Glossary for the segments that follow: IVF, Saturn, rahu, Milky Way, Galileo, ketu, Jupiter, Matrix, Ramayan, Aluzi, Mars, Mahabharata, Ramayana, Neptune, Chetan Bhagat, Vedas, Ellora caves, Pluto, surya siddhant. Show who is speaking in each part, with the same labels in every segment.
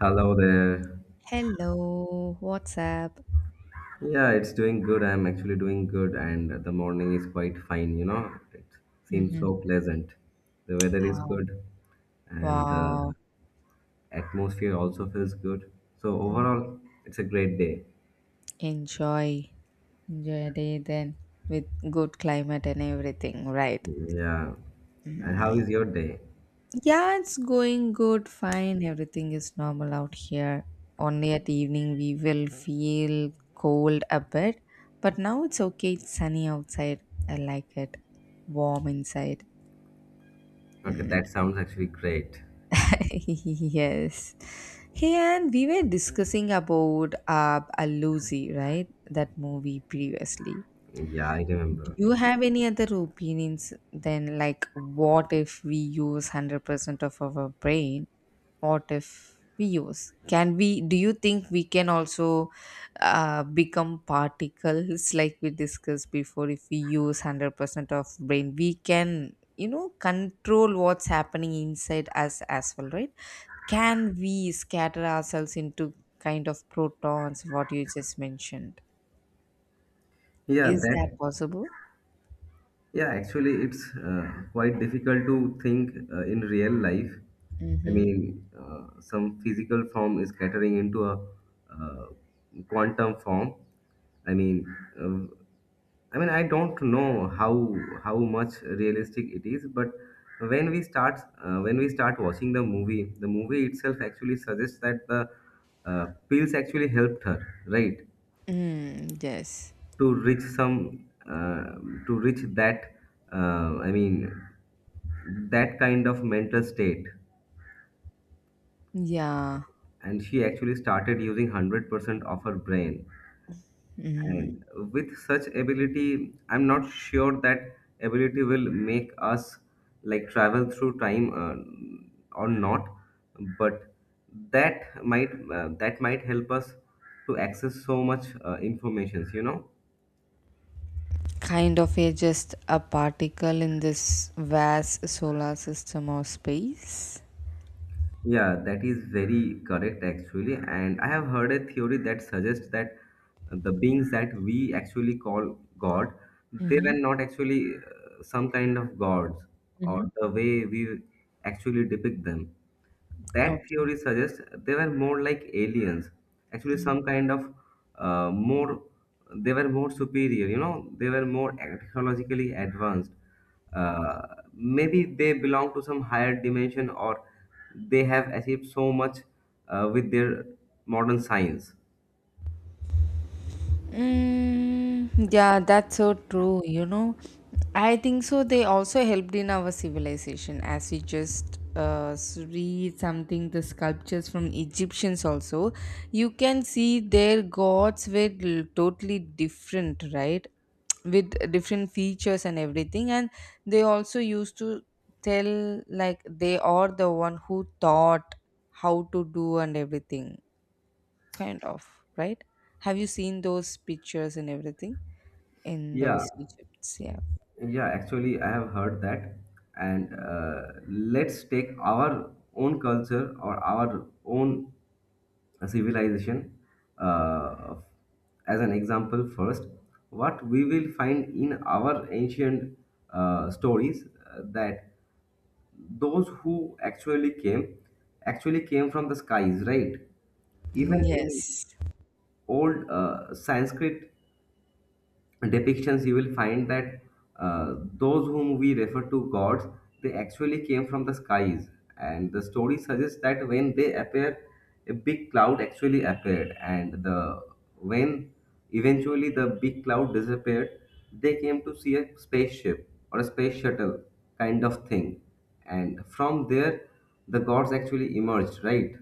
Speaker 1: Hello there.
Speaker 2: Hello, what's up?
Speaker 1: Yeah, it's doing good. I'm actually doing good, and the morning is quite fine. It seems so
Speaker 2: Mm-hmm.
Speaker 1: pleasant. The weather is
Speaker 2: Oh,
Speaker 1: good, and the
Speaker 2: wow.
Speaker 1: atmosphere also feels good. So,
Speaker 2: Mm.
Speaker 1: overall, it's a great day.
Speaker 2: Enjoy. Enjoy a day then with good climate and everything, right?
Speaker 1: Yeah. And how
Speaker 2: Mm,
Speaker 1: is your day?
Speaker 2: yeah, it's going good, fine. Everything is normal out here. Only at evening we will feel cold a bit, but now it's okay. It's sunny outside. I like it. Warm inside.
Speaker 1: Okay,
Speaker 2: Mm.
Speaker 1: that sounds actually great.
Speaker 2: Yes. Hey, and we were discussing about Aluzi, right? That movie previously.
Speaker 1: Yeah, I
Speaker 2: Do
Speaker 1: remember.
Speaker 2: you have any other opinions than, like, what if we use 100% of our brain? What if we use? Can we, do you think we can also become particles like we discussed before? If we use 100% of brain, we can, you know, control what's happening inside us as well, right? Can we scatter ourselves into kind of protons, what you just mentioned?
Speaker 1: Yeah,
Speaker 2: Is that
Speaker 1: that
Speaker 2: possible?
Speaker 1: Yeah, actually, it's quite difficult to think in real life. I
Speaker 2: Mm-hmm.
Speaker 1: mean, some physical form is scattering into a uh, quantum form. I mean, uh, I mean, I don't know how much realistic it is, but when we start watching the movie itself actually suggests that the pills actually helped her, right?
Speaker 2: Mm, yes.
Speaker 1: to reach some uh, to reach that, I mean, that kind of mental state,
Speaker 2: Yeah.
Speaker 1: and she actually started using 100% of her brain.
Speaker 2: Mm.
Speaker 1: And with such ability, I'm not sure that ability will make us like travel through time, or not. But that might that might help us to access so much informations.
Speaker 2: Kind of a just a particle in this vast solar system or space.
Speaker 1: Yeah, that is very correct actually. And I have heard a theory that suggests that the beings that we actually call God, they were
Speaker 2: Mm-hmm.
Speaker 1: not actually some kind of gods, or
Speaker 2: Mm-hmm.
Speaker 1: the way we actually depict them. That theory suggests they were more like aliens. Actually, some kind of, uh, more, they were more superior, they were more technologically advanced. Uh, Maybe they belong to some higher dimension, or they have achieved so much with their modern science.
Speaker 2: Mm, yeah, that's so true. You know, I think so. They also helped in our civilization, as we just read something, the sculptures from Egyptians also. You can see their gods were totally different, right? With different features and everything. And they also used to tell, like, they are the one who taught how to do and everything, kind of, right? Have you seen those pictures and everything in
Speaker 1: Yeah,
Speaker 2: those Egypts? Yeah,
Speaker 1: yeah, actually, I have heard that. And let's take our own culture, or our own a civilization. Uh, as an example, first, what we will find in our ancient stories, that those who actually came from the skies, right? Even in
Speaker 2: yes,
Speaker 1: old Sanskrit depictions, you will find that those whom we refer to gods, they actually came from the skies, and the story suggests that when they appear, a big cloud actually appeared, and the when eventually the big cloud disappeared, they came to see a spaceship or a space shuttle kind of thing, and from there the gods actually emerged, right?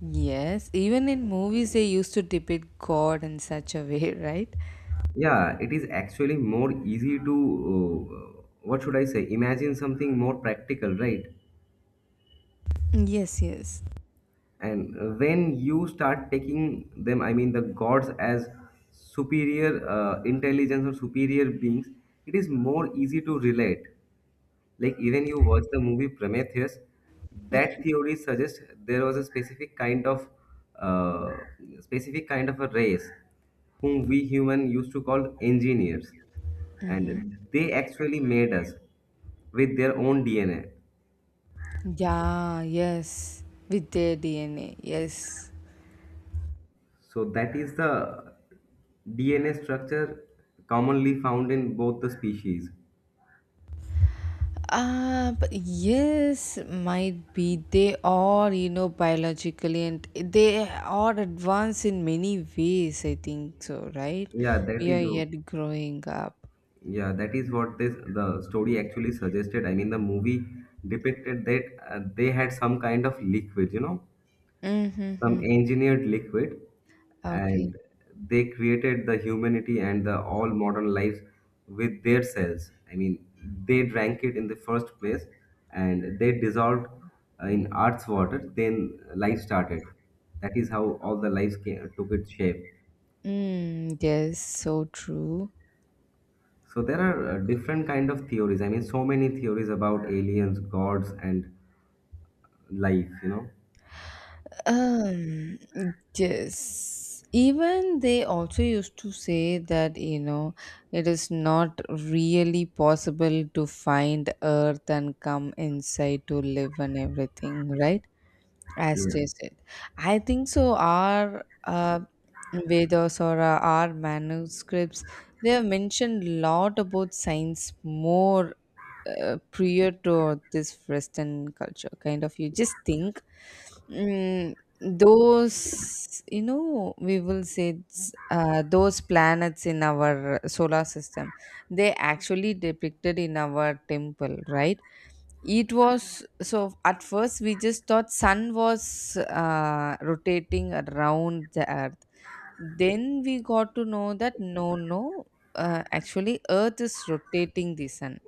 Speaker 2: yes. Even in movies they used to depict god in such a way, right?
Speaker 1: Yeah, it is actually more easy to, what should I say, imagine something more practical, right?
Speaker 2: Yes, yes.
Speaker 1: And when you start taking them, I mean the gods, as superior intelligence or superior beings, it is more easy to relate. Like, even you watch the movie Prometheus, that theory suggests there was a uh, specific kind of a race whom we human used to call engineers, and they actually made us with their own DNA.
Speaker 2: Yeah, yes, with their DNA, yes.
Speaker 1: So that is the DNA structure commonly found in both the species.
Speaker 2: But yes, might be they are, you know, biologically and they are advanced in many ways, I think so, right?
Speaker 1: Yeah, that
Speaker 2: We are
Speaker 1: is w-
Speaker 2: yet growing up.
Speaker 1: yeah, that is what this the story actually suggested. I mean, the movie depicted that they had some kind of liquid, some
Speaker 2: Mm-hmm.
Speaker 1: engineered liquid,
Speaker 2: Okay.
Speaker 1: and they created the humanity and the all modern lives with their cells. I mean, they drank it in the first place, and they dissolved in earth's water, then life started. That is how all the lives came, took its shape.
Speaker 2: Mm, yes, so true.
Speaker 1: So there are different kind of theories. I mean, so many theories about aliens, gods, and life.
Speaker 2: Um, yes. Even they also used to say that, you know, it is not really possible to find Earth and come inside to live and everything, right? As
Speaker 1: Yeah,
Speaker 2: they said. I think so. Our Vedas or our manuscripts, they have mentioned a lot about science more prior to this western culture, kind of, you just think. Mm, those, you know, we will say it's, those planets in our solar system, they actually depicted in our temple, right? It was so at first we just thought sun was rotating around the earth. Then we got to know that no, no, actually, Earth is rotating the sun.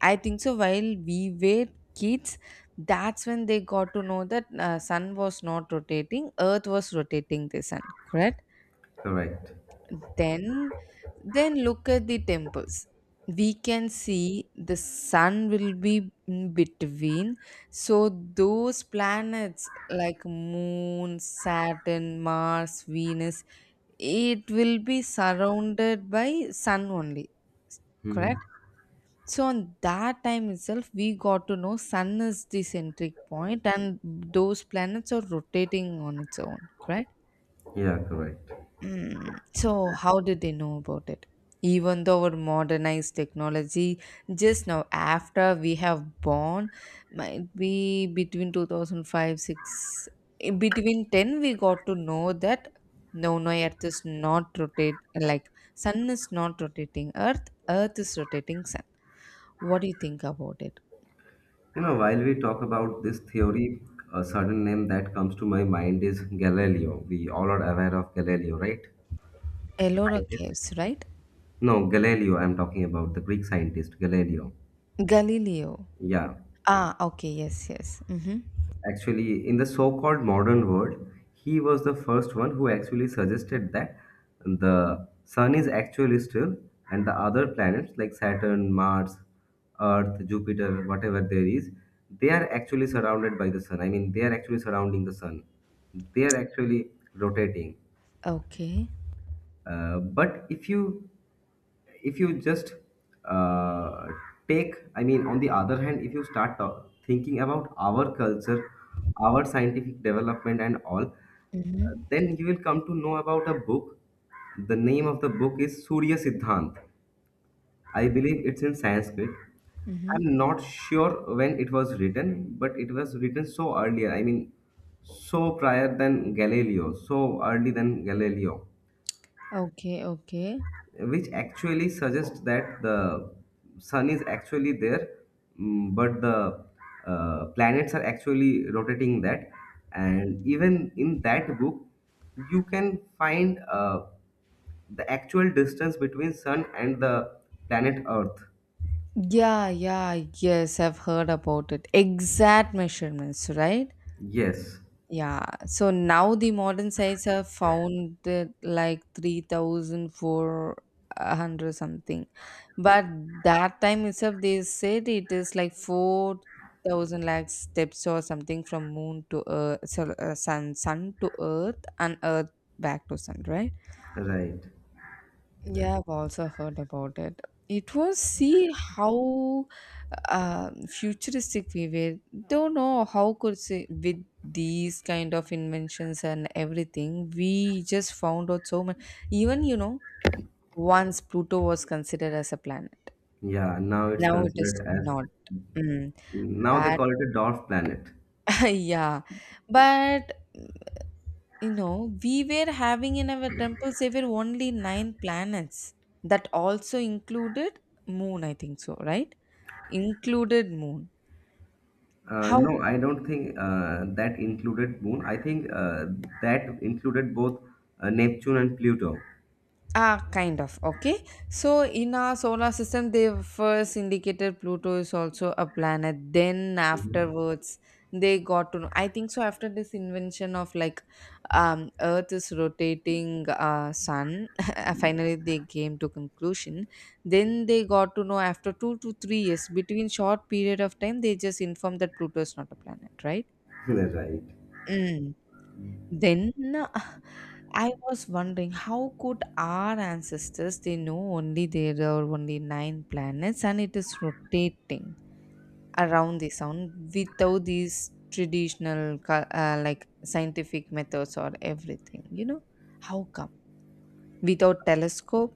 Speaker 2: I think so. While we were kids, that's when they got to know that sun was not rotating, Earth was rotating the sun. Correct.
Speaker 1: correct.
Speaker 2: Then, then look at the temples. We can see the sun will be in between. So those planets like Moon, Saturn, Mars, Venus, it will be surrounded by sun only. Correct? So on that time itself, we got to know sun is the centric point and those planets are rotating on its own. Correct?
Speaker 1: Yeah, correct.
Speaker 2: Mm, so how did they know about it? Even though our modernized technology just now after we have born, might be between 2005 6, in between 10 we got to know that no, no, Earth is not rotate, like, sun is not rotating earth, earth is rotating sun. What do you think about it?
Speaker 1: While we talk about this theory, a sudden name that comes to my mind is Galileo. We all are aware of Galileo, right? The
Speaker 2: Ellora
Speaker 1: scientist?
Speaker 2: caves, right?
Speaker 1: No, Galileo, I'm talking about the Greek scientist Galileo.
Speaker 2: Galileo.
Speaker 1: Yeah.
Speaker 2: Ah, okay, yes, yes, mm-hmm.
Speaker 1: Actually, in the so-called modern world, he was the first one who actually suggested that the sun is actually still, and the other planets like Saturn, Mars, Earth, Jupiter, whatever there is, they are actually surrounded by the sun. I mean, they are actually surrounding the sun. They are actually rotating.
Speaker 2: Okay.
Speaker 1: But if you just uh, take, I mean, on the other hand, if you start thinking about our culture, our scientific development, and all,
Speaker 2: Mm-hmm.
Speaker 1: then you will come to know about a book. The name of the book is Surya Siddhant. I believe it's in Sanskrit. I'm
Speaker 2: Mm-hmm.
Speaker 1: not sure when it was written, but it was written so earlier, I mean, so prior than Galileo, so early than Galileo,
Speaker 2: Okay, okay.
Speaker 1: which actually suggests that the sun is actually there, but the planets are actually rotating that. And even in that book, you can find the actual distance between sun and the planet Earth.
Speaker 2: Yeah, yeah, yes, I've heard about it. Exact measurements, right?
Speaker 1: Yes.
Speaker 2: Yeah. So now the modern sites have found it like 3,400 something. But that time itself, they said it is like 4,000 lakh steps or something from moon to earth, so, sun, sun to earth, and earth back to sun, right?
Speaker 1: Right.
Speaker 2: Yeah, I've also heard about it. It was, see how futuristic we were. Don't know how could say with these kind of inventions and everything, we just found out so much. Even, you know, once Pluto was considered as a planet,
Speaker 1: Yeah,
Speaker 2: now it is not. Mm.
Speaker 1: now they
Speaker 2: But
Speaker 1: call it a dwarf planet.
Speaker 2: yeah, but you know, we were having in our temples there were only nine planets, that also included moon, I think so, right? Included moon. How?
Speaker 1: No, I don't think that included Moon. I think that included both Neptune and Pluto.
Speaker 2: Ah, kind of. Okay. So, in our solar system, they first indicated Pluto is also a planet. Then, afterwards, they got to know. I think so. After this invention of like Earth is rotating Sun, finally they came to conclusion. Then they got to know after 2 to 3 years, between short period of time, they just informed that Pluto is not a planet, right?
Speaker 1: Right.
Speaker 2: Mm. Then I was wondering how could our ancestors, they know only there are only nine planets and it is rotating around the sun without these traditional like, scientific methods or everything, you know, how come, without telescope.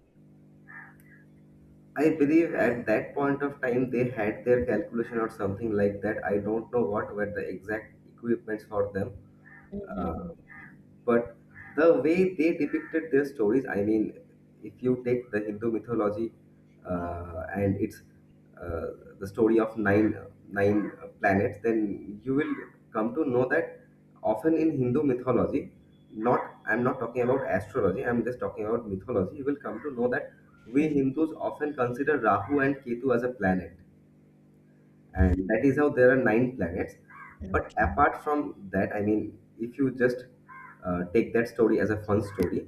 Speaker 1: I believe at that point of time they had their calculation or something like that. I don't know what were the exact equipments for them. Uh,
Speaker 2: Mhm.
Speaker 1: but the way they depicted their stories, I mean, if you take the Hindu mythology, and it's uh, the story of nine planets, then you will come to know that often in Hindu mythology, not I'm not talking about astrology, I'm just talking about mythology, you will come to know that we
Speaker 2: Mhm.
Speaker 1: Hindus often consider Rahu and Ketu as a planet, and that is how there are nine planets.
Speaker 2: Okay.
Speaker 1: But apart from that, I mean, if you just take that story as a fun story,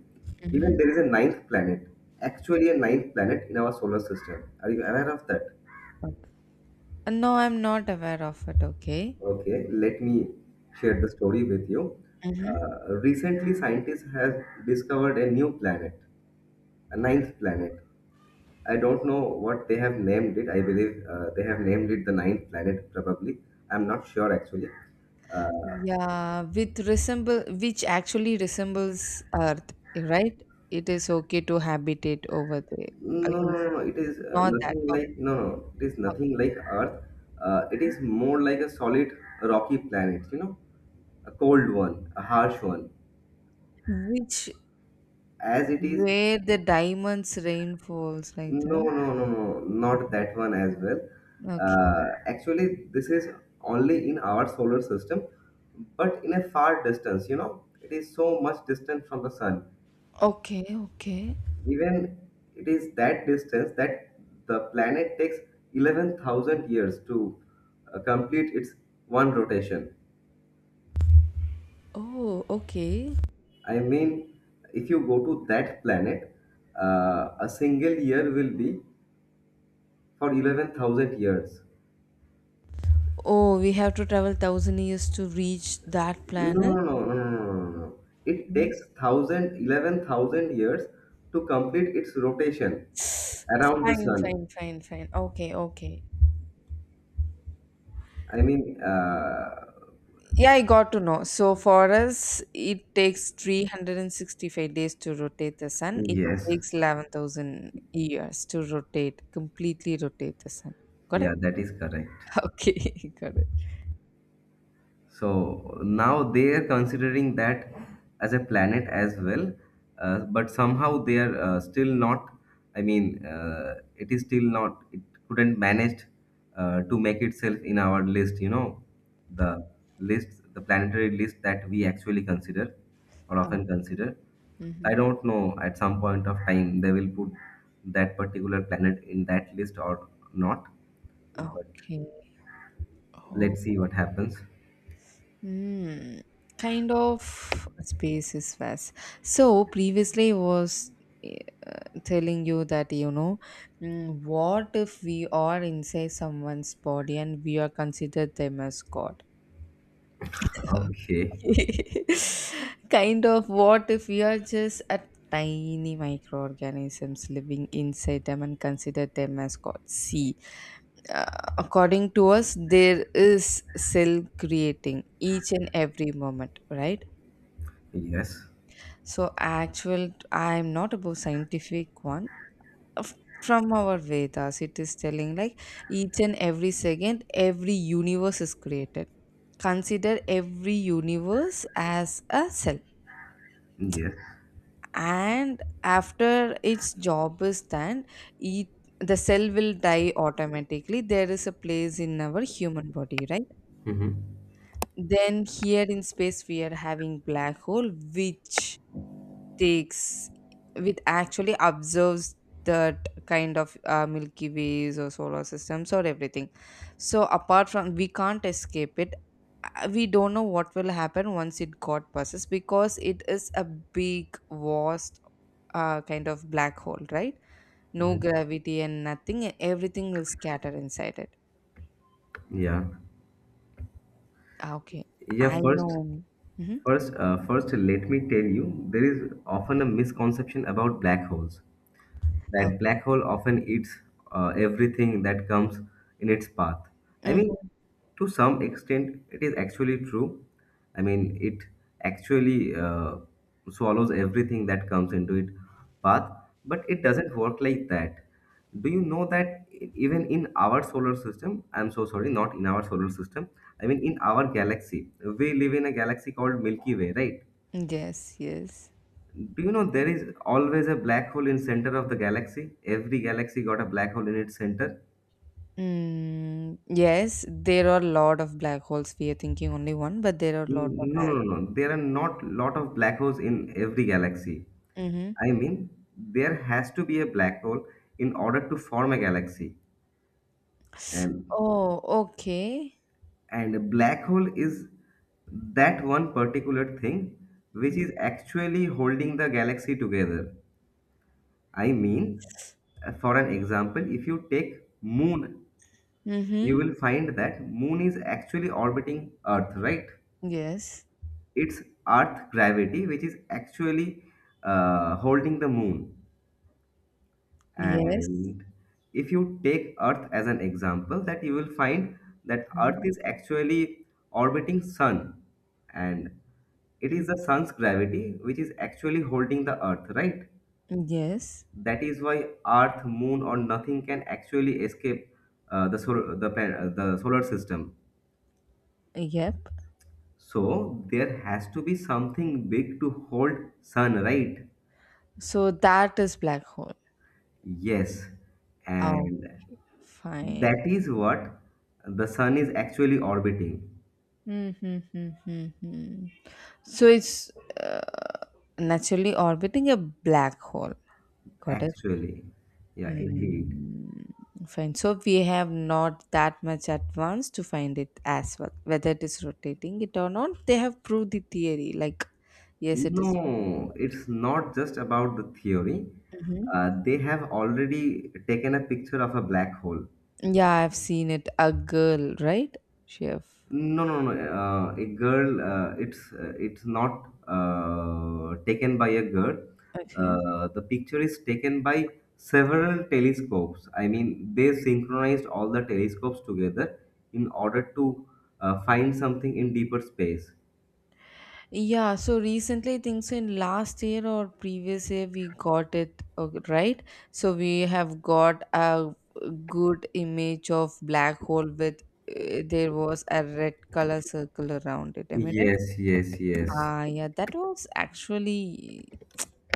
Speaker 1: even
Speaker 2: Mhm.
Speaker 1: there is a ninth planet, actually a ninth planet in our solar system. Are you aware of that?
Speaker 2: Okay. No, I'm not aware of it, okay.
Speaker 1: Okay, let me share the story with you. Recently, scientists have discovered a new planet, a ninth planet. I don't know what they have named it. I believe they have named it the ninth planet probably. I'm not sure actually. uh,
Speaker 2: Yeah, with resemble, which actually resembles Earth, right? It is okay to habitate over there. I
Speaker 1: No, no,
Speaker 2: was
Speaker 1: no, no. It is
Speaker 2: not that.
Speaker 1: nothing
Speaker 2: Okay,
Speaker 1: like, no, no. It is nothing like Earth. It
Speaker 2: okay.
Speaker 1: is more like a solid rocky planet. A cold one, a harsh one.
Speaker 2: Which,
Speaker 1: As it is,
Speaker 2: where the diamonds rain falls like
Speaker 1: no,
Speaker 2: that.
Speaker 1: no, no, no, not that one as well.
Speaker 2: Okay.
Speaker 1: Actually, this is only in our solar system, but in a far distance. It is so much distant from the sun.
Speaker 2: Okay, okay.
Speaker 1: Even, it is that distance that the planet takes 11,000 years to complete its one rotation.
Speaker 2: Oh, okay.
Speaker 1: I mean, if you go to that planet, a single year will be for 11,000 years.
Speaker 2: Oh, we have to travel thousand years to reach that
Speaker 1: No,
Speaker 2: planet.
Speaker 1: no, no, no, no, no. No. No. It
Speaker 2: Mhm.
Speaker 1: takes thousand eleven thousand years to complete its rotation around the
Speaker 2: Fine,
Speaker 1: sun.
Speaker 2: fine, fine, fine. Okay, okay.
Speaker 1: I mean,
Speaker 2: Yeah, I got to know. So for us, it takes 365 days to rotate the sun. It
Speaker 1: yes,
Speaker 2: takes 11,000 years to rotate, completely rotate the sun. Got it?
Speaker 1: yeah, that is correct.
Speaker 2: Okay, got it.
Speaker 1: So now they are considering that as a planet as well, but somehow they are still not. I mean, it is still not. It couldn't manage to make itself in our list. The list, the planetary list that we actually consider, or often consider.
Speaker 2: Hmm.
Speaker 1: I don't know. At some point of time, they will put that particular planet in that list or not. But
Speaker 2: Okay. Oh,
Speaker 1: let's see what happens.
Speaker 2: hmm. Kind of space is vast. So previously I was, eh, telling you that, you know, mm, what if we are inside someone's body and we are considered them as God?
Speaker 1: Okay.
Speaker 2: Kind of, what if we are just a tiny microorganisms living inside them and consider them as God? See, uh, according to us, there is cell creating each and every moment, right?
Speaker 1: Yes.
Speaker 2: So, actual, I'm not about scientific one. Of- From our Vedas, it is telling, like, each and every second, every universe is created. Consider every universe as a cell,
Speaker 1: Yes.
Speaker 2: and after its job is done, it, the cell will die automatically. There is a place in our human body, right?
Speaker 1: Hmm.
Speaker 2: Then here in space we are having black hole which takes, which actually observes that kind of milky ways or solar systems or everything. So apart from, we can't escape it. We don't know what will happen once it got passes, because it is a big, vast, kind of black hole, right? No
Speaker 1: Hmm.
Speaker 2: gravity and nothing, and everything will scatter inside it.
Speaker 1: Yeah.
Speaker 2: Ah, okay.
Speaker 1: Yeah,
Speaker 2: I
Speaker 1: first
Speaker 2: know. Mhm.
Speaker 1: first uh, first let me tell you there is often a misconception about black holes.
Speaker 2: Okay.
Speaker 1: That black hole often eats everything that comes in its path. I mean,
Speaker 2: Mhm.
Speaker 1: to some extent, it is actually true. I mean, it actually swallows everything that comes into its path, but it doesn't work like that. Do you know that even in our solar system, I'm so sorry, not in our solar system, I mean, in our galaxy, we live in a galaxy called Milky Way, right?
Speaker 2: Yes, yes.
Speaker 1: Do you know there is always a black hole in center of the galaxy? Every galaxy got a black hole in its center.
Speaker 2: Mm, yes, there are a lot of black holes. We are thinking only one, but there are a lot of.
Speaker 1: Mm, no, no,
Speaker 2: Black.
Speaker 1: no, no. There are not lot of black holes in every galaxy.
Speaker 2: Mm-hmm.
Speaker 1: I mean, there has to be a black hole in order to form a galaxy. And
Speaker 2: Oh, okay.
Speaker 1: and a black hole is that one particular thing which is actually holding the galaxy together. I mean, for an example, if you take moon, you
Speaker 2: Mm-hmm.
Speaker 1: will find that moon is actually orbiting Earth, right?
Speaker 2: Yes.
Speaker 1: It's Earth gravity which is actually holding the moon.
Speaker 2: Yes.
Speaker 1: And if you take Earth as an example, that you will find that Earth
Speaker 2: Mm-hmm.
Speaker 1: is actually orbiting sun, and it is the sun's gravity which is actually holding the Earth, right?
Speaker 2: Yes.
Speaker 1: That is why Earth, moon, or nothing can actually escape the solar system.
Speaker 2: Yep.
Speaker 1: So there has to be something big to hold sun, right?
Speaker 2: So that is black hole.
Speaker 1: Yes.
Speaker 2: Oh,
Speaker 1: And
Speaker 2: fine.
Speaker 1: that is what the sun is actually orbiting.
Speaker 2: Mm-hmm, mm-hmm, mm-hmm. So it's uh, naturally orbiting a black hole. Got it?
Speaker 1: Actually. Yeah, indeed.
Speaker 2: Mm, fine. So we have not that much advance to find it as well, whether it is rotating it or not. They have proved the theory. Like, yes, it is.
Speaker 1: No, it's not just about the theory.
Speaker 2: Mhm.
Speaker 1: They have already taken a picture of a black hole.
Speaker 2: Yeah, I've seen it. A girl, right? She have.
Speaker 1: No, no, no. A girl. It's not taken by a girl.
Speaker 2: Okay.
Speaker 1: The picture is taken by several telescopes. I mean, they synchronized all the telescopes together in order to find something in deeper space.
Speaker 2: Yeah, so recently, I think so in last year or previous year, we got it okay, right. So we have got a good image of black hole with there was a red color circle around it. Am I right?
Speaker 1: Yes, yes, yes.
Speaker 2: Ah, yeah, that was actually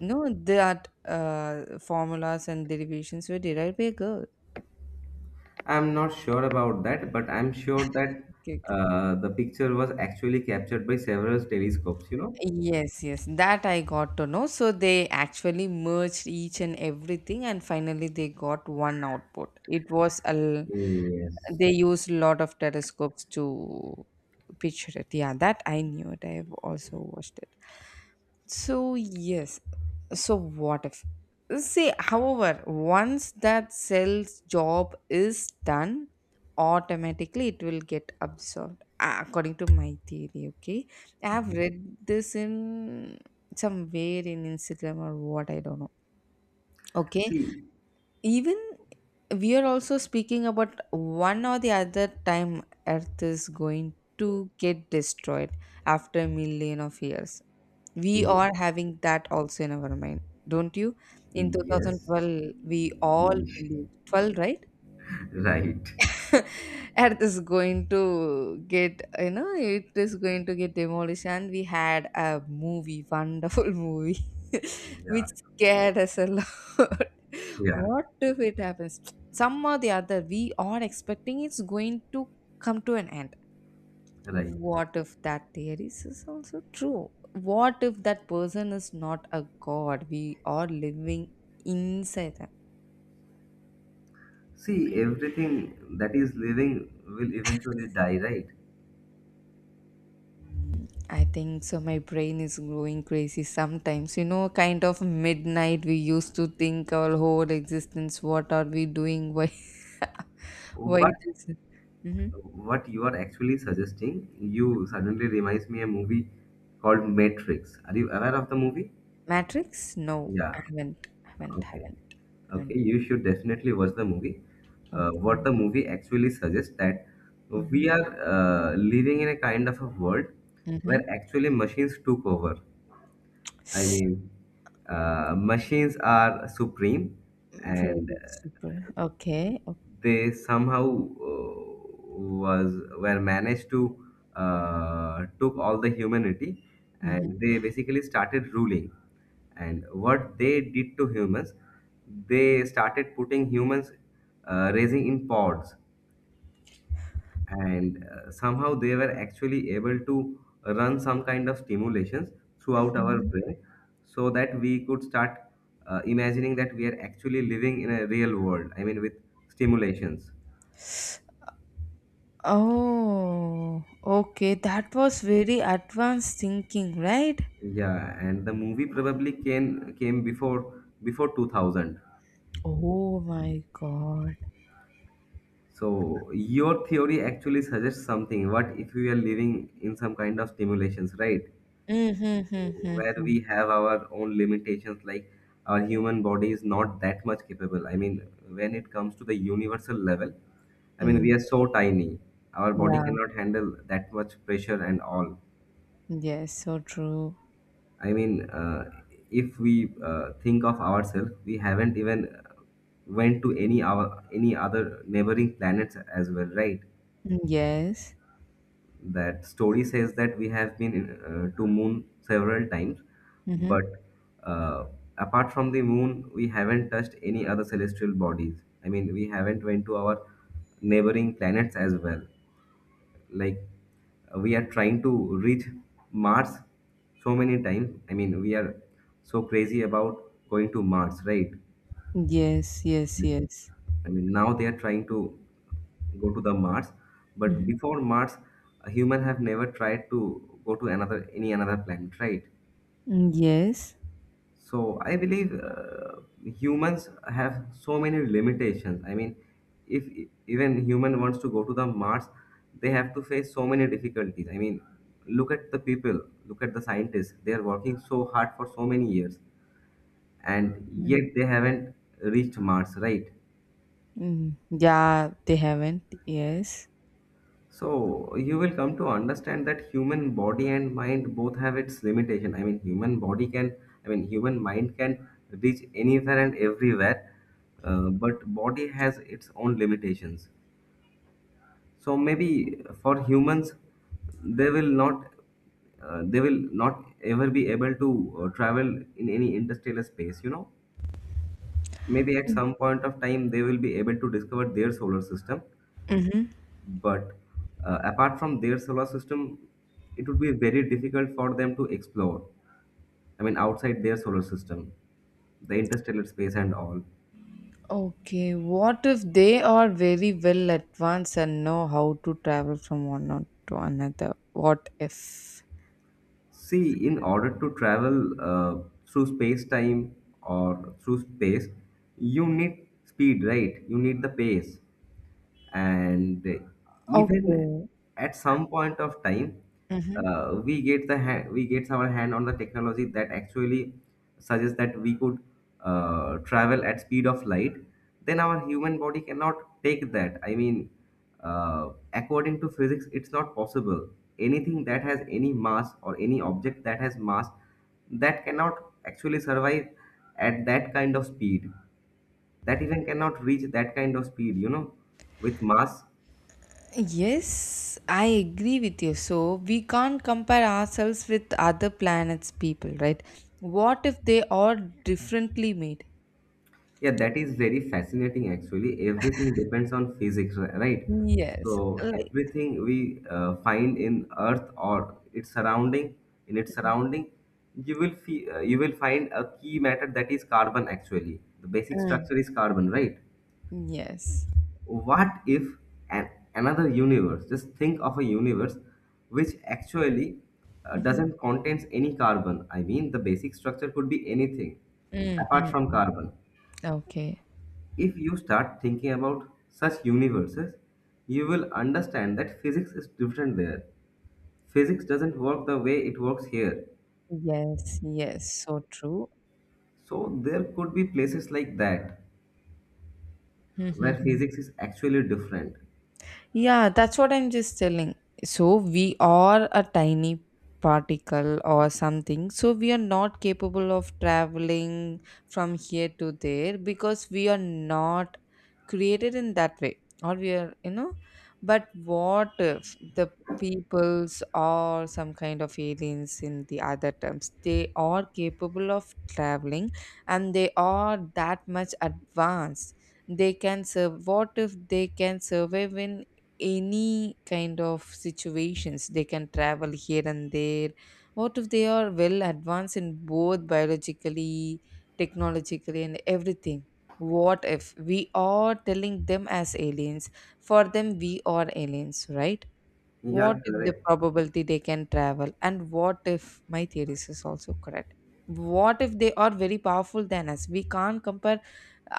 Speaker 2: no, that formulas and derivations were derived by a girl.
Speaker 1: I'm not sure about that, but I'm sure that
Speaker 2: Okay, okay.
Speaker 1: the picture was actually captured by several telescopes. You know.
Speaker 2: Yes, yes, that I got to know. So they actually merged each and everything, and finally they got one output. It was a
Speaker 1: Yes.
Speaker 2: they used a lot of telescopes to picture it. Yeah, that I knew it. I have also watched it. So yes. So what if? See, however, once that sales job is done, automatically it will get absorbed, according to my theory. Okay, I have
Speaker 1: Mhm.
Speaker 2: read this in somewhere in Instagram or what, I don't know. Okay,
Speaker 1: See.
Speaker 2: even we are also speaking about one or the other time Earth is going to get destroyed after a million of years. We are
Speaker 1: Mhm.
Speaker 2: having that also in our mind, don't you? In
Speaker 1: Yes,
Speaker 2: 2012, we all
Speaker 1: Mm,
Speaker 2: believed 12, right?
Speaker 1: right.
Speaker 2: Earth is going to get, you know, it is going to get demolished, and we had a movie, wonderful movie, which
Speaker 1: Yeah,
Speaker 2: scared us a lot.
Speaker 1: yeah,
Speaker 2: What if it happens? Some or the other, we are expecting it's going to come to an end.
Speaker 1: right.
Speaker 2: What if that theory is also true? What if that person is not a god? We are living inside them.
Speaker 1: See, everything that is living will eventually die, right?
Speaker 2: Mm, I think so. My brain is growing crazy sometimes. You know, kind of midnight. We used to think our whole existence. What are we doing? Why? Why
Speaker 1: But
Speaker 2: it is? Mm-hmm.
Speaker 1: what you are actually suggesting, you suddenly reminds me a movie called Matrix. Are you aware of the movie?
Speaker 2: Matrix? No,
Speaker 1: Yeah.
Speaker 2: I haven't. Haven't.
Speaker 1: Okay.
Speaker 2: Haven't.
Speaker 1: Okay.
Speaker 2: Haven't.
Speaker 1: You should definitely watch the movie. What
Speaker 2: Okay.
Speaker 1: the movie actually suggests that
Speaker 2: Mm-hmm.
Speaker 1: we are living in a kind of a world
Speaker 2: Mm-hmm.
Speaker 1: where actually machines took over. I mean, machines are supreme, and
Speaker 2: Very super. Okay. Okay.
Speaker 1: they somehow was were managed to took all the humanity,
Speaker 2: Mm-hmm.
Speaker 1: and they basically started ruling. And what they did to humans, they started putting humans raising in pods, and somehow they were actually able to run some kind of stimulations throughout our brain so that we could start imagining that we are actually living in a real world. I mean, with stimulations.
Speaker 2: Oh, okay. That was very advanced thinking, right?
Speaker 1: Yeah, and the movie probably came before 2000.
Speaker 2: Oh my God.
Speaker 1: So your theory actually suggests something. What if we are living in some kind of stimulations, right, where
Speaker 2: Mm-hmm.
Speaker 1: we have our own limitations? Like, our human body is not that much capable. I mean, when it comes to the universal level, I mean,
Speaker 2: Mm.
Speaker 1: we are so tiny. Our body
Speaker 2: Yeah.
Speaker 1: cannot handle that much pressure and all.
Speaker 2: Yes. So true.
Speaker 1: I mean, if we think of ourselves, we haven't even went to any our any other neighboring planets as well, right?
Speaker 2: Mm. Yes.
Speaker 1: That story says that we have been to moon several times.
Speaker 2: Mm-hmm.
Speaker 1: But uh, apart from the moon, we haven't touched any other celestial bodies. I mean, we haven't went to our neighboring planets as well. Like, we are trying to reach Mars so many times. I mean, we are so crazy about going to Mars, right?
Speaker 2: Yes. Yes. Yes.
Speaker 1: I mean, now they are trying to go to the Mars, but
Speaker 2: Mm-hmm.
Speaker 1: before Mars, a human have never tried to go to another any another planet, right?
Speaker 2: Yes.
Speaker 1: So I believe humans have so many limitations. I mean, if even human wants to go to the Mars, they have to face so many difficulties. I mean, look at the people, look at the scientists. They are working so hard for so many years, and
Speaker 2: Mm.
Speaker 1: yet they haven't reached Mars, right?
Speaker 2: Mm. Yeah. They haven't. Yes.
Speaker 1: So you will come to understand that human body and mind both have its limitation. I mean, human body can, I mean, human mind can reach anywhere and everywhere, but body has its own limitations. So maybe for humans, they will not, they will not ever be able to travel in any interstellar space. You know, maybe at some point of time they will be able to discover their solar system.
Speaker 2: Mm-hmm.
Speaker 1: But apart from their solar system, it would be very difficult for them to explore. I mean, outside their solar system, the interstellar space and all.
Speaker 2: Okay. What if they are very well advanced and know how to travel from one or to another? What if?
Speaker 1: See, in order to travel through space-time or through space, you need speed, right? You need the pace. And even
Speaker 2: Okay.
Speaker 1: at some point of time,
Speaker 2: Mhm.
Speaker 1: we get the we get our hand on the technology that actually suggests that we could travel at speed of light. Then our human body cannot take that. I mean, according to physics it's not possible. Anything that has any mass or any object that has mass, that cannot actually survive at that kind of speed, that even cannot reach that kind of speed, you know, with mass.
Speaker 2: Yes, I agree with you. So we can't compare ourselves with other planets' people, right? What if they are differently made?
Speaker 1: Yeah, that is very fascinating actually. Everything depends on physics, right?
Speaker 2: Yes,
Speaker 1: So everything we find in Earth or its surrounding, in its surrounding, you will you will find a key matter, that is carbon actually. The basic
Speaker 2: mm,
Speaker 1: structure is carbon, right?
Speaker 2: yes.
Speaker 1: What if an another universe? Just think of a universe which actually
Speaker 2: hmm
Speaker 1: doesn't contains any carbon. I mean, the basic structure could be anything apart
Speaker 2: Mm-mm.
Speaker 1: from carbon.
Speaker 2: Okay.
Speaker 1: If you start thinking about such universes, you will understand that physics is different there. Physics doesn't work the way it works here.
Speaker 2: Yes, yes, so true.
Speaker 1: So there could be places like that where physics is actually different.
Speaker 2: Yeah, that's what I'm just telling. So we are a tiny particle or something. So we are not capable of traveling from here to there because we are not created in that way. Or we are, But what if the peoples or some kind of aliens in the other terms, they are capable of traveling, and they are that much advanced, they can serve? What if they can survive in any kind of situations, they can travel here and there? What if they are well advanced in both biologically, technologically, and everything? What if we are telling them as aliens? For them, we are aliens, right? What
Speaker 1: Yeah,
Speaker 2: if the
Speaker 1: correct.
Speaker 2: probability they can travel? And what if my theories is also correct? What if they are very powerful than us? We can't compare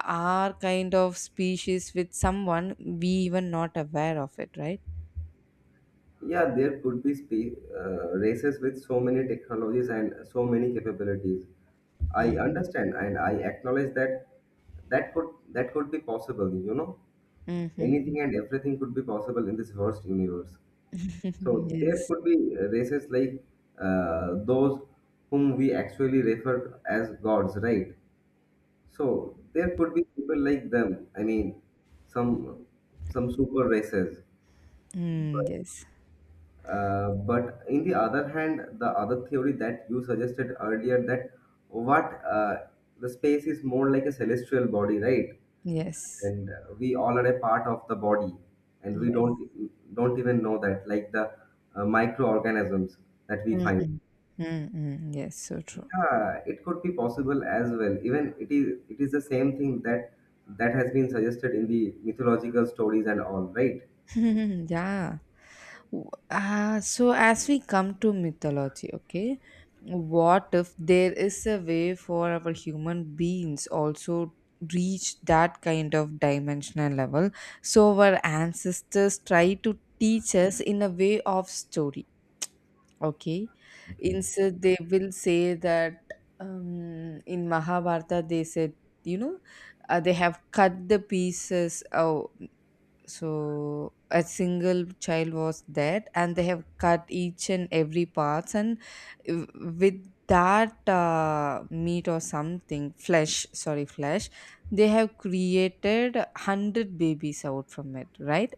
Speaker 2: our kind of species with someone we even not aware of it, right?
Speaker 1: Yeah, there could be races with so many technologies and so many capabilities. I
Speaker 2: Mm-hmm.
Speaker 1: understand and I acknowledge that that could be possible, you know.
Speaker 2: Mm-hmm.
Speaker 1: Anything and everything could be possible in this vast universe. So there
Speaker 2: Yes.
Speaker 1: could be races like those whom we actually refer as gods, right? So there could be people like them. I mean, some some super races.
Speaker 2: Mm,
Speaker 1: But
Speaker 2: yes.
Speaker 1: but in the other hand, the other theory that you suggested earlier that what the space is more like a celestial body, right?
Speaker 2: Yes.
Speaker 1: And we all are a part of the body, and we
Speaker 2: Yes.
Speaker 1: don't even know that, like the microorganisms that we find.
Speaker 2: Mm-mm. Mm-mm. Yes. So true.
Speaker 1: Yeah, it could be possible as well. Even it is the same thing that that has been suggested in the mythological stories and all, right?
Speaker 2: Yeah. So as we come to mythology, okay, what if there is a way for our human beings also reach that kind of dimensional level? So our ancestors try to teach us in a way of story, okay?
Speaker 1: Okay.
Speaker 2: Instead, they will say that in Mahabharata they said, you know, they have cut the pieces. So a single child was dead and they have cut each and every parts, and w- with that meat or something, flesh, sorry, flesh, they have created 100 babies out from it, right?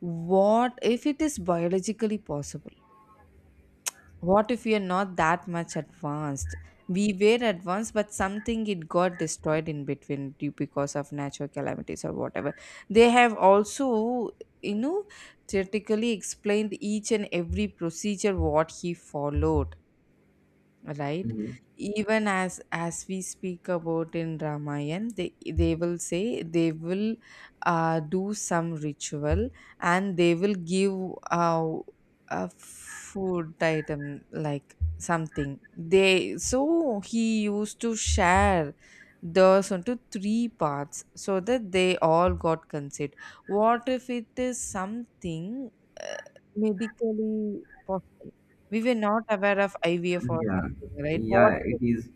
Speaker 2: What if it is biologically possible? What if we are not that much advanced? We were advanced, but something it got destroyed in between due because of natural calamities or whatever. They have also, you know, theoretically explained each and every procedure what he followed, right?
Speaker 1: Mhm.
Speaker 2: Even as we speak about in ramayan, they will say, they will do some ritual, and they will give uh, a food item, like something. They so he used to share those onto three parts so that they all got consent. What if it is something uh, medically possible? We were not aware of IVF or
Speaker 1: Yeah,
Speaker 2: something, right? What?
Speaker 1: yeah, it is.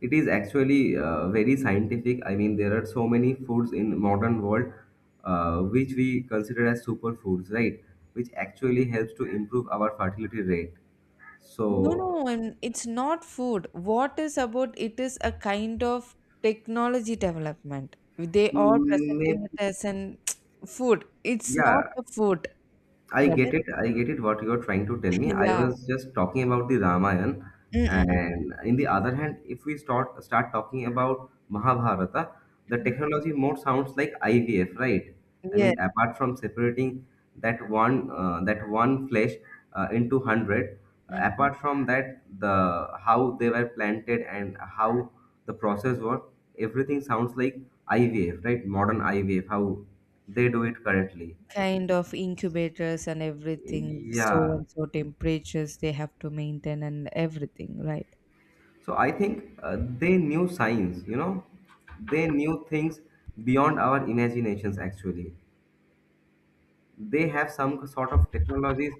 Speaker 1: It is actually very scientific. I mean, there are so many foods in modern world which we consider as superfoods, right? Which actually helps to improve our fertility rate.
Speaker 2: No,
Speaker 1: So,
Speaker 2: no, and it's not food. What is about it is a kind of technology development. They are
Speaker 1: mm, maybe,
Speaker 2: presenting it as an food. It's not
Speaker 1: yeah,
Speaker 2: a food.
Speaker 1: I
Speaker 2: Got
Speaker 1: get
Speaker 2: it?
Speaker 1: it. I get it what you're trying to tell me. I
Speaker 2: Yeah.
Speaker 1: was just talking about the Ramayana.
Speaker 2: Mm-mm-mm.
Speaker 1: And in the other hand, if we start talking about Mahabharata, the technology more sounds like IVF, right? I
Speaker 2: Yes.
Speaker 1: mean, apart from separating that one flesh into 100,
Speaker 2: Mhm.
Speaker 1: apart from that, the how they were planted and how the process was, everything sounds like IVF, right? Modern IVF, how they do it currently.
Speaker 2: Kind of incubators and everything, so
Speaker 1: Yeah,
Speaker 2: and so temperatures they have to maintain and everything, right?
Speaker 1: so I think they knew science, you know, they knew things beyond our imaginations. Actually, they have some sort of technologies.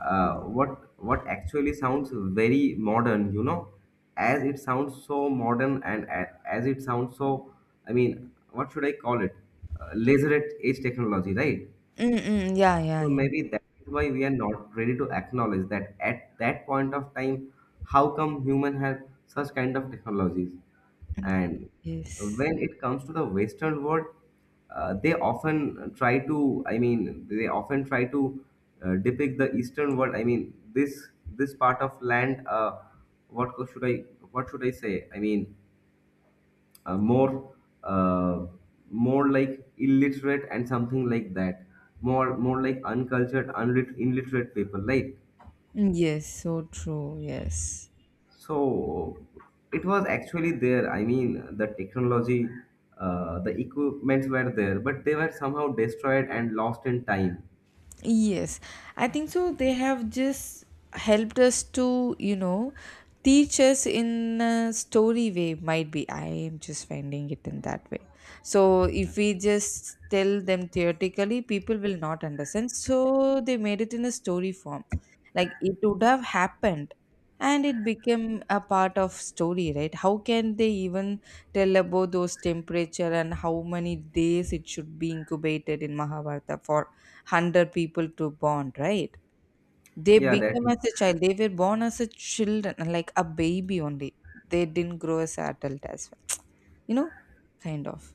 Speaker 1: What actually sounds very modern, you know, as it sounds so modern and as it sounds so, I mean, what should I call it? Laser edge technology, right?
Speaker 2: Mm-mm. Yeah, yeah,
Speaker 1: So
Speaker 2: yeah.
Speaker 1: maybe that is why we are not ready to acknowledge that at that point of time, how come human had such kind of technologies? And
Speaker 2: Yes.
Speaker 1: when it comes to the Western world, they often try to, I mean, they often try to depict the Eastern world. I mean, this part of land. Should I what should I say? I mean, more uh, more like illiterate and something like that, more more like uncultured illiterate people, right?
Speaker 2: Yes, so true. Yes.
Speaker 1: So it was actually there. I mean, the technology, the equipments were there, but they were somehow destroyed and lost in time.
Speaker 2: Yes, I think so. They have just helped us to, teach us in a story way, might be. I am just finding it in that way. So, if we just tell them theoretically, people will not understand. So, they made it in a story form. Like it would have happened and it became a part of story, right? How can they even tell about those temperature and how many days it should be incubated in mahabharata for 100 people to bond, right? They
Speaker 1: Yeah, that
Speaker 2: become
Speaker 1: is,
Speaker 2: as a child. They were born as a children, like a baby only. They didn't grow as adult as well. You know, kind of.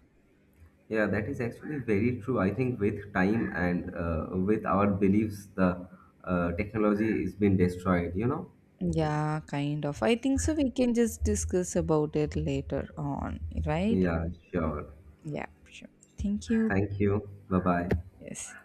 Speaker 1: yeah, that is actually very true. I think with time and with our beliefs, the technology is being destroyed, you know.
Speaker 2: Yeah, kind of. I think so. We can just discuss about it later on, right?
Speaker 1: Yeah, sure.
Speaker 2: Yeah, sure. Thank you.
Speaker 1: Thank you. Bye bye.
Speaker 2: Yes.